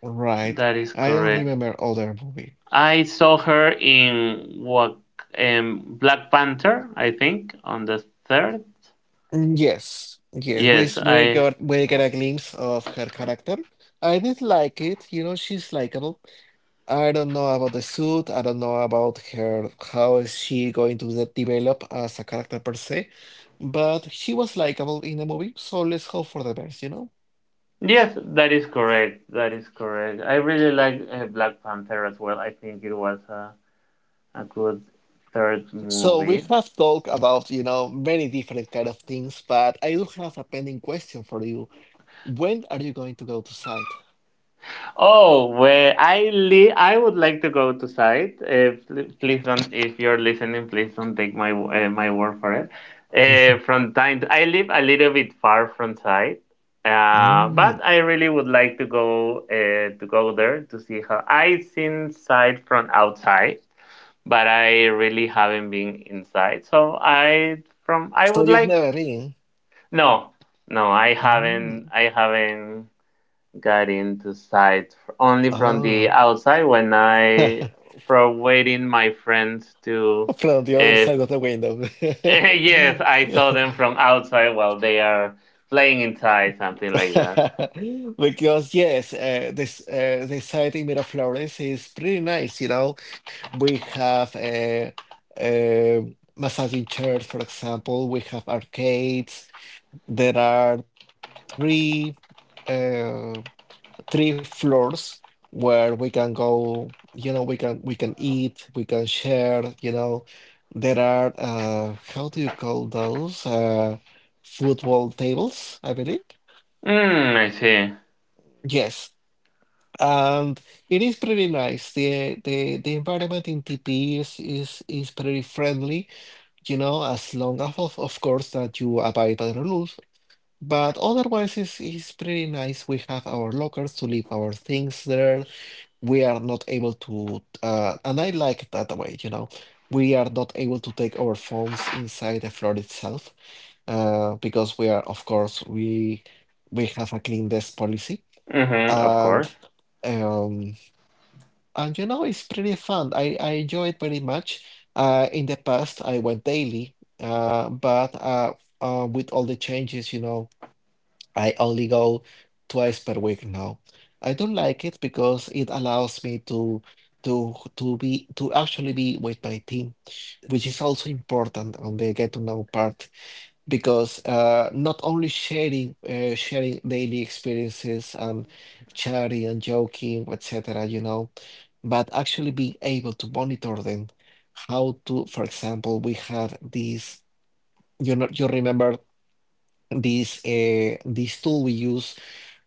Speaker 2: Right.
Speaker 1: That is
Speaker 2: I don't
Speaker 1: correct.
Speaker 2: remember other movie.
Speaker 1: I saw her in what Black Panther, I think, on the third.
Speaker 2: Mm, yes, yes.
Speaker 1: Yes,
Speaker 2: We
Speaker 1: I
Speaker 2: got we get a glimpse of her character. I did like it. You know, she's likable. I don't know about the suit. I don't know about her. How is she going to develop as a character per se? But she was likable in the movie. So let's hope for the best.
Speaker 1: Yes, that is correct. That is correct. I really like Black Panther as well. I think it was a good third
Speaker 2: So we
Speaker 1: movie.
Speaker 2: have talked about many different kind of things, but I do have a pending question for you. When are you going to go to site?
Speaker 1: Oh, well, I would like to go to site. Please don't, if you're listening, please don't take my word for it.
Speaker 2: [LAUGHS]
Speaker 1: I live a little bit far from site, but
Speaker 2: Mm.
Speaker 1: I really would like to go there to see how I've seen site from outside, but I really haven't been inside. So I from I
Speaker 2: So
Speaker 1: would
Speaker 2: you've
Speaker 1: like
Speaker 2: never been?
Speaker 1: no, no, I haven't
Speaker 2: Mm.
Speaker 1: I haven't got into sight only from the
Speaker 2: Oh.
Speaker 1: outside when I
Speaker 2: [LAUGHS]
Speaker 1: from waiting my friends to
Speaker 2: From the other
Speaker 1: if
Speaker 2: side of the window.
Speaker 1: [LAUGHS] yes, I saw them
Speaker 2: [LAUGHS]
Speaker 1: from outside while they are playing inside, something like that.
Speaker 2: Because yes, this the site in Miraflores is pretty nice. You know, we have a massaging chairs, for example. We have arcades. There are three. eh, three floors where we can go, you know, we can eat, we can share, you know. There are how do you call those? Football tables, I believe.
Speaker 1: Mm, I see.
Speaker 2: Yes. And it is pretty nice. The environment in TP is pretty friendly, you know, as long as of course that you abide by the rules. But otherwise it's pretty nice. We have our lockers to leave our things there. We are not able to and I like it that way, you know. We are not able to take our phones inside the floor itself because we are, of course, we have a clean desk policy
Speaker 1: Mm-hmm, of
Speaker 2: and
Speaker 1: course.
Speaker 2: um and you know it's pretty fun. I enjoy it very much. In the past, I went daily, but with all the changes, you know. I only go twice per week now. I don't like it because it allows me to actually be with my team, which is also important on the get to know part because not only sharing daily experiences and chatting and joking, etc., you know, but actually being able to monitor them. How to, for example, we had these, you know, you remember these this tool we use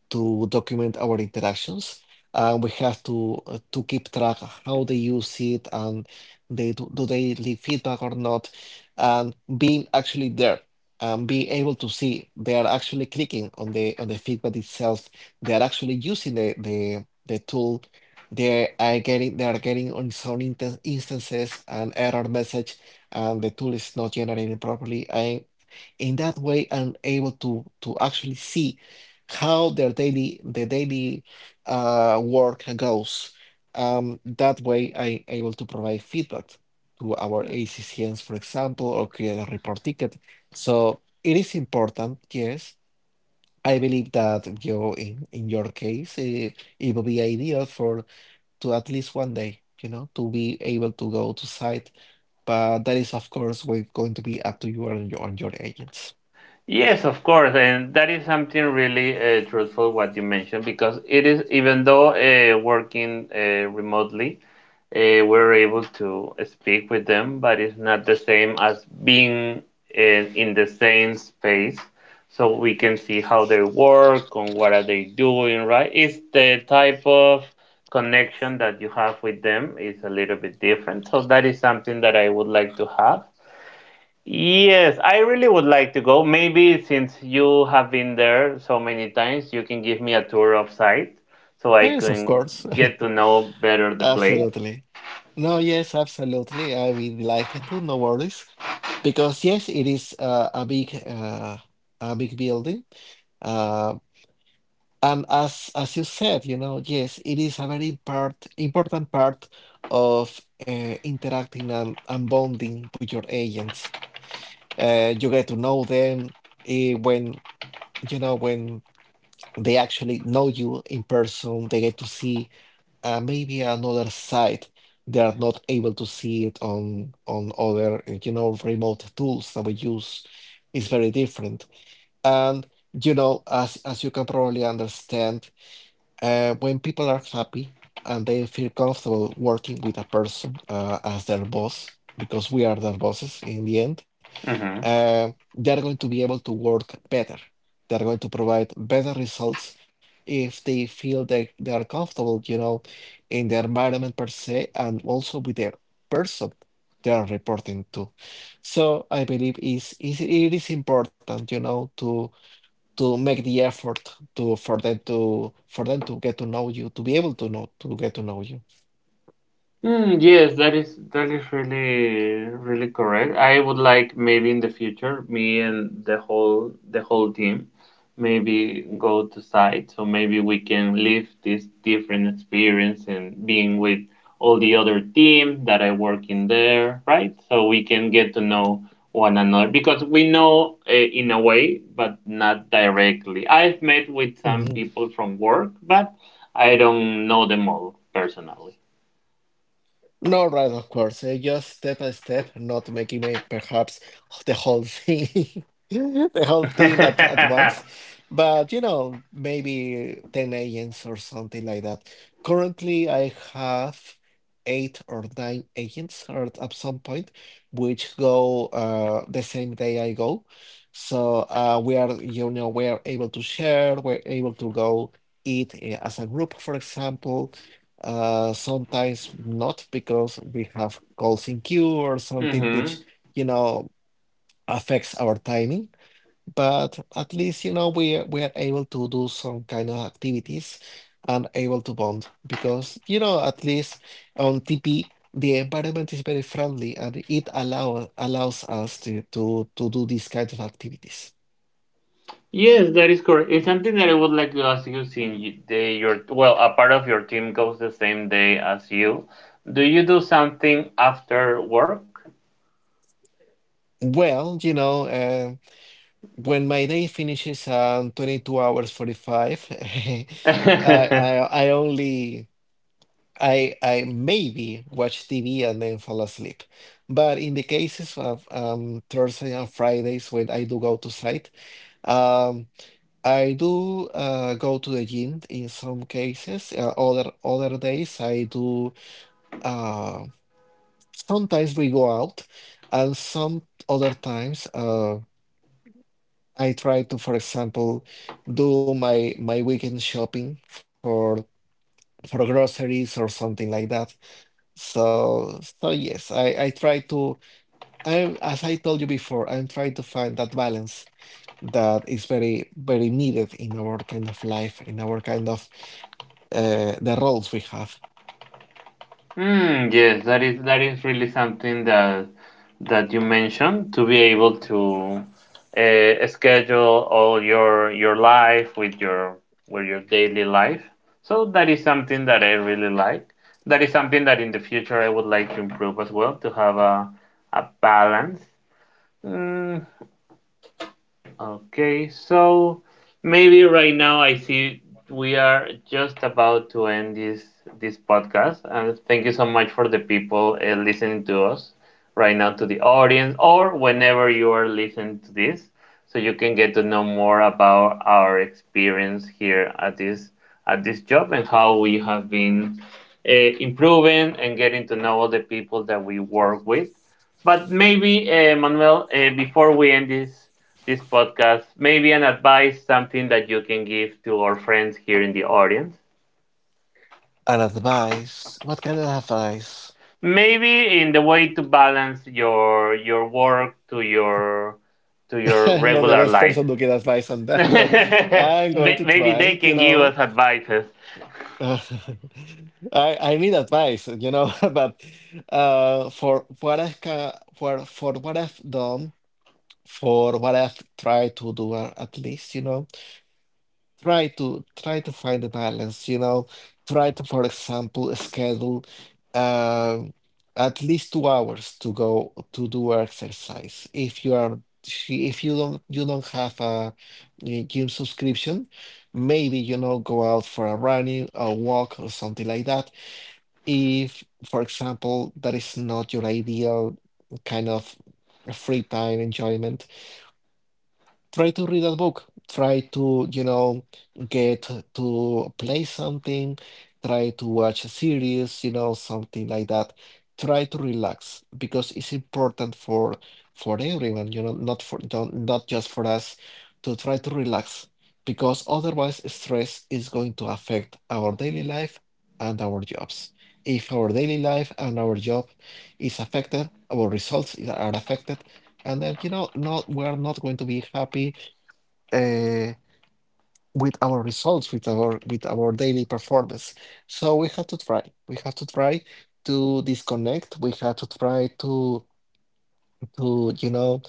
Speaker 2: to document our interactions. And we have to keep track of how they use it and do they leave feedback or not. And being actually there and being able to see they are actually clicking on the feedback itself. They are actually using the tool. They are getting on some instances an error message and the tool is not generating properly. I In that way I'm able to actually see how their daily the daily work goes. That way, I'm able to provide feedback to our ACCNs, for example, or create a report ticket. So it is important, yes. I believe that you know, in your case, it would be ideal for to at least one day, you know, to be able to go to site. But that is, of course, we going to be up to you and your agents.
Speaker 1: Yes, of course, and that is something really truthful what you mentioned because it is even though working remotely, we're able to speak with them, but it's not the same as being in the same space. So we can see how they work and what are they doing, right? It's the type of connection that you have with them is a little bit different. So that is something that I would like to have. Yes, I really would like to go. Maybe since you have been there so many times, you can give me a tour of site so
Speaker 2: So,
Speaker 1: I
Speaker 2: yes, of
Speaker 1: can
Speaker 2: course,
Speaker 1: get to know better
Speaker 2: [LAUGHS]
Speaker 1: the place.
Speaker 2: absolutely. No, yes, absolutely. I would like to, no worries. Because yes, it is a big building. Uh, and as you said, you know, yes, it is a very part important part of interacting and bonding with your agents. You get to know them uh, when when they actually know you in person. They get to see maybe another site they are not able to see it on other remote tools that we use is very different and you know as you can probably understand when people are happy and they feel comfortable working with a person as their boss, because we are their bosses in the end.
Speaker 1: Mhm.
Speaker 2: They're going to be able to work better. They're going to provide better results if they feel that they are comfortable, you know, in the environment per se, and also with the person they are reporting to. So I believe is it is important, you know, to make the effort to for them to get to know you, to be able to know to get to know you.
Speaker 1: Hmm, yes, that is really really correct. I would like maybe in the future, me and the whole team maybe go to sites, so maybe we can live this different experience and being with all the other teams that I work in there, right? So we can get to know one another because we know in a way, but not directly. I've met with some people from work, but I don't know them all personally.
Speaker 2: No, right, of course. Just step by step, not making me perhaps the whole thing, [LAUGHS] the whole
Speaker 1: [LAUGHS]
Speaker 2: thing at
Speaker 1: Hmm.
Speaker 2: once. But you know, maybe 10 agents or something like that. Currently, I have eight or nine agents or at some point, which go the same day I go. So we are, you know, we are able to share, we're able to go eat as a group, for example. Sometimes not, because we have calls in queue or something which you know affects our timing, but at least you know we are able to do some kind of activities and able to bond because you know at least on TP the environment is very friendly and it allows us to do these kinds of activities.
Speaker 1: Yes, that is correct. It's something that I would like to ask you since they, your, well, a part of your team goes the same day as you. Do you do something after work?
Speaker 2: Well, you know, when my day finishes 22 hours 45, [LAUGHS] I, I
Speaker 1: [LAUGHS]
Speaker 2: I only I maybe watch TV and then fall asleep. But in the cases of Thursday and Fridays when I do go to site, um I do go to the gym in some cases. Other other days I do uh sometimes we go out and some other times. I try to, for example, do my weekend shopping for groceries or something like that. So so yes, I try to I as I told you before, I'm trying to find that balance that is very very needed in our kind of life, in our kind of the roles we have.
Speaker 1: Hmm, yes, that is really something that you mentioned, to be able to schedule all your life with your daily life. So that is something that I really like. That is something that in the future I would like to improve as well, to have a balance. Mm, Okay, so maybe right now I see we are just about to end this podcast, and thank you so much for the people listening to us right now, to the audience, or whenever you are listening to this, so you can get to know more about our experience here at this job and how we have been improving and getting to know all the people that we work with. But maybe, Manuel, before we end this podcast, maybe an advice, something that you can give to our friends here in the audience.
Speaker 2: And advice, what kind of advice?
Speaker 1: Maybe in the way to balance your work to your to
Speaker 2: [LAUGHS]
Speaker 1: your
Speaker 2: I'm not the
Speaker 1: regular
Speaker 2: best
Speaker 1: life.
Speaker 2: person to get advice on that, but I'm
Speaker 1: [LAUGHS]
Speaker 2: going to
Speaker 1: Maybe they
Speaker 2: try, you
Speaker 1: can give
Speaker 2: know.
Speaker 1: us advices.
Speaker 2: Uh, [LAUGHS] I need advice, you know, [LAUGHS] but for what I've done, for what I've tried to do, at least, you know, try to find a balance, you know, try to for example schedule um at least 2 hours to go to do exercise if you are if you don't have a gym subscription, maybe you know go out for a running or walk or something like that. If for example that is not your ideal kind of free time enjoyment, try to read a book, try to, you know, get to play something, try to watch a series, you know, something like that. Try to relax because it's important for everyone, you know, not just for us to try to relax, because otherwise stress is going to affect our daily life and our jobs. If our daily life and our job is affected, our results are affected, and then you know, not we are not going to be happy uh, with our results, with our daily performance. So we have to try. We have to try to disconnect. We have to try to to you know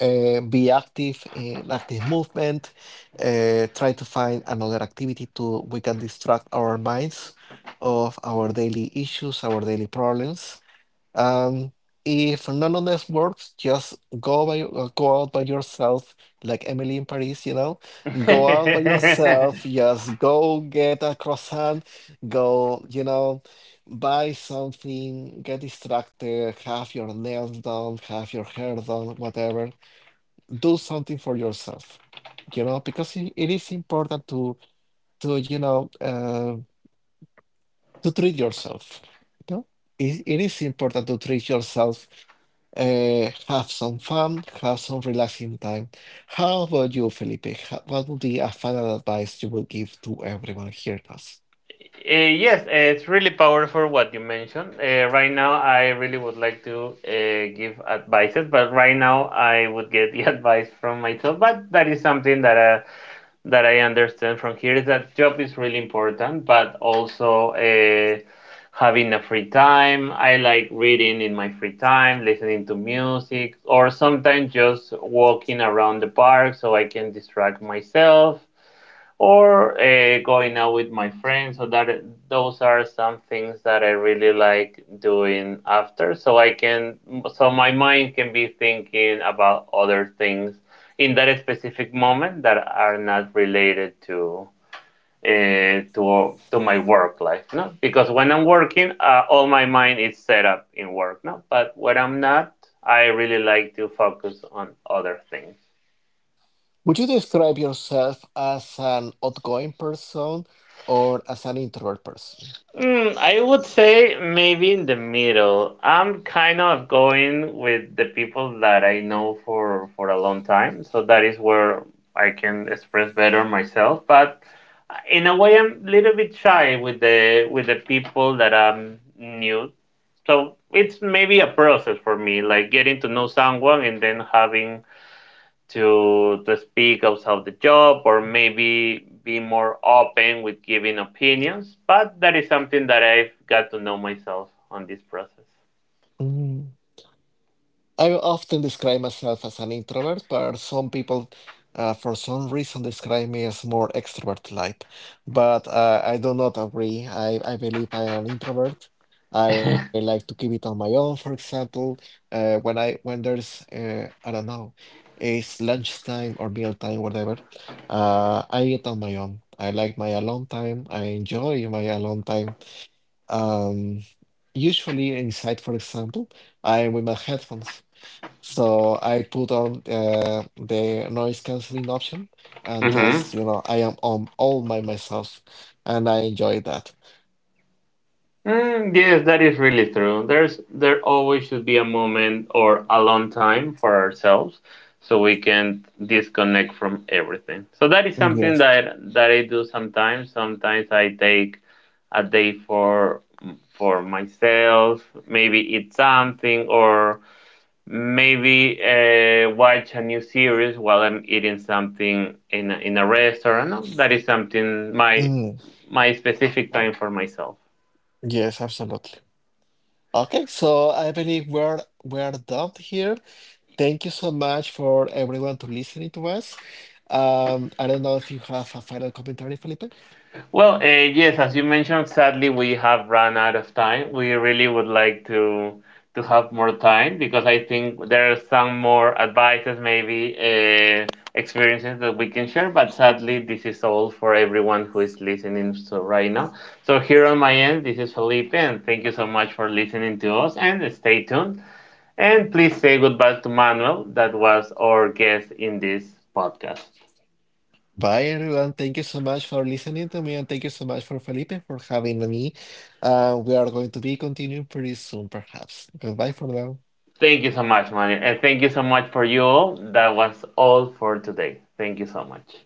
Speaker 2: be active in active movement. Try to find another activity to we can distract our minds of our daily issues, our daily problems, um, if none of this works, just go out by yourself, like Emily in Paris, you know. Go out by yourself,
Speaker 1: [LAUGHS]
Speaker 2: just go get a croissant, go, you know, buy something, get distracted, have your nails done, have your hair done, whatever. Do something for yourself, you know, because it is important to to you know uh, to treat yourself, you know. It is important to treat yourself, have some fun, have some relaxing time. How about you, Felipe? How, what would be a final advice you would give to everyone here us?
Speaker 1: Yes, it's really powerful what you mentioned. Right now, I really would like to give advices, but right now I would get [LAUGHS] the advice from myself. But that is something that that I understand from here is that job is really important, but also having a free time. I like reading in my free time, listening to music, or sometimes just walking around the park so I can distract myself, or going out with my friends. So that those are some things that I really like doing after, so I can so my mind can be thinking about other things in that specific moment that are not related to to my work life, no, because when I'm working, all my mind is set up in work, no, but when I'm not, I really like to focus on other things.
Speaker 2: Would you describe yourself as an outgoing person or as an introvert person?
Speaker 1: Mm, I would say maybe in the middle. I'm kind of going with the people that I know for a long time, so that is where I can express better myself. But in a way I'm a little bit shy with the people that I'm new. So it's maybe a process for me, like getting to know someone and then having to speak outside the job or maybe be more open with giving opinions. But that is something that I've got to know myself on this process.
Speaker 2: Mm. I often describe myself as an introvert, but some people, for some reason, describe me as more extrovert type. But I do not agree. I believe I am an introvert. I like to keep it on my own. For example, when there's I don't know, it's lunchtime or meal time, whatever. I eat on my own. I like my alone time. I enjoy my alone time. Um, Usually inside, for example, I am with my headphones. So I put on the noise canceling option and just, you know, I am on all by myself and I enjoy that.
Speaker 1: Mm, yes, that is really true. There always should be a moment or a long time for ourselves so we can disconnect from everything. So that is something
Speaker 2: Yes.
Speaker 1: that I do sometimes. Sometimes I take a day for myself, maybe eat something or maybe watch a new series while I'm eating something in in a restaurant. No, that is something, my
Speaker 2: Mm,
Speaker 1: my specific time for myself.
Speaker 2: yes, absolutely. Okay, so I believe we're done here. Thank you so much for everyone to listening to us. I don't know if you have a final commentary, Felipe.
Speaker 1: Well, yes, as you mentioned, sadly we have run out of time. We really would like to have more time because I think there are some more advices, maybe experiences that we can share. But sadly, this is all for everyone who is listening so right now. So here on my end, this is Felipe, and thank you so much for listening to us. And stay tuned. And please say goodbye to Manuel, that was our guest in this podcast.
Speaker 2: Bye, everyone. Thank you so much for listening to me, and thank you so much for Felipe for having me. We are going to be continuing pretty soon, perhaps. Goodbye for now.
Speaker 1: Thank you so much, Mario. And thank you so much for you all. That was all for today. Thank you so much.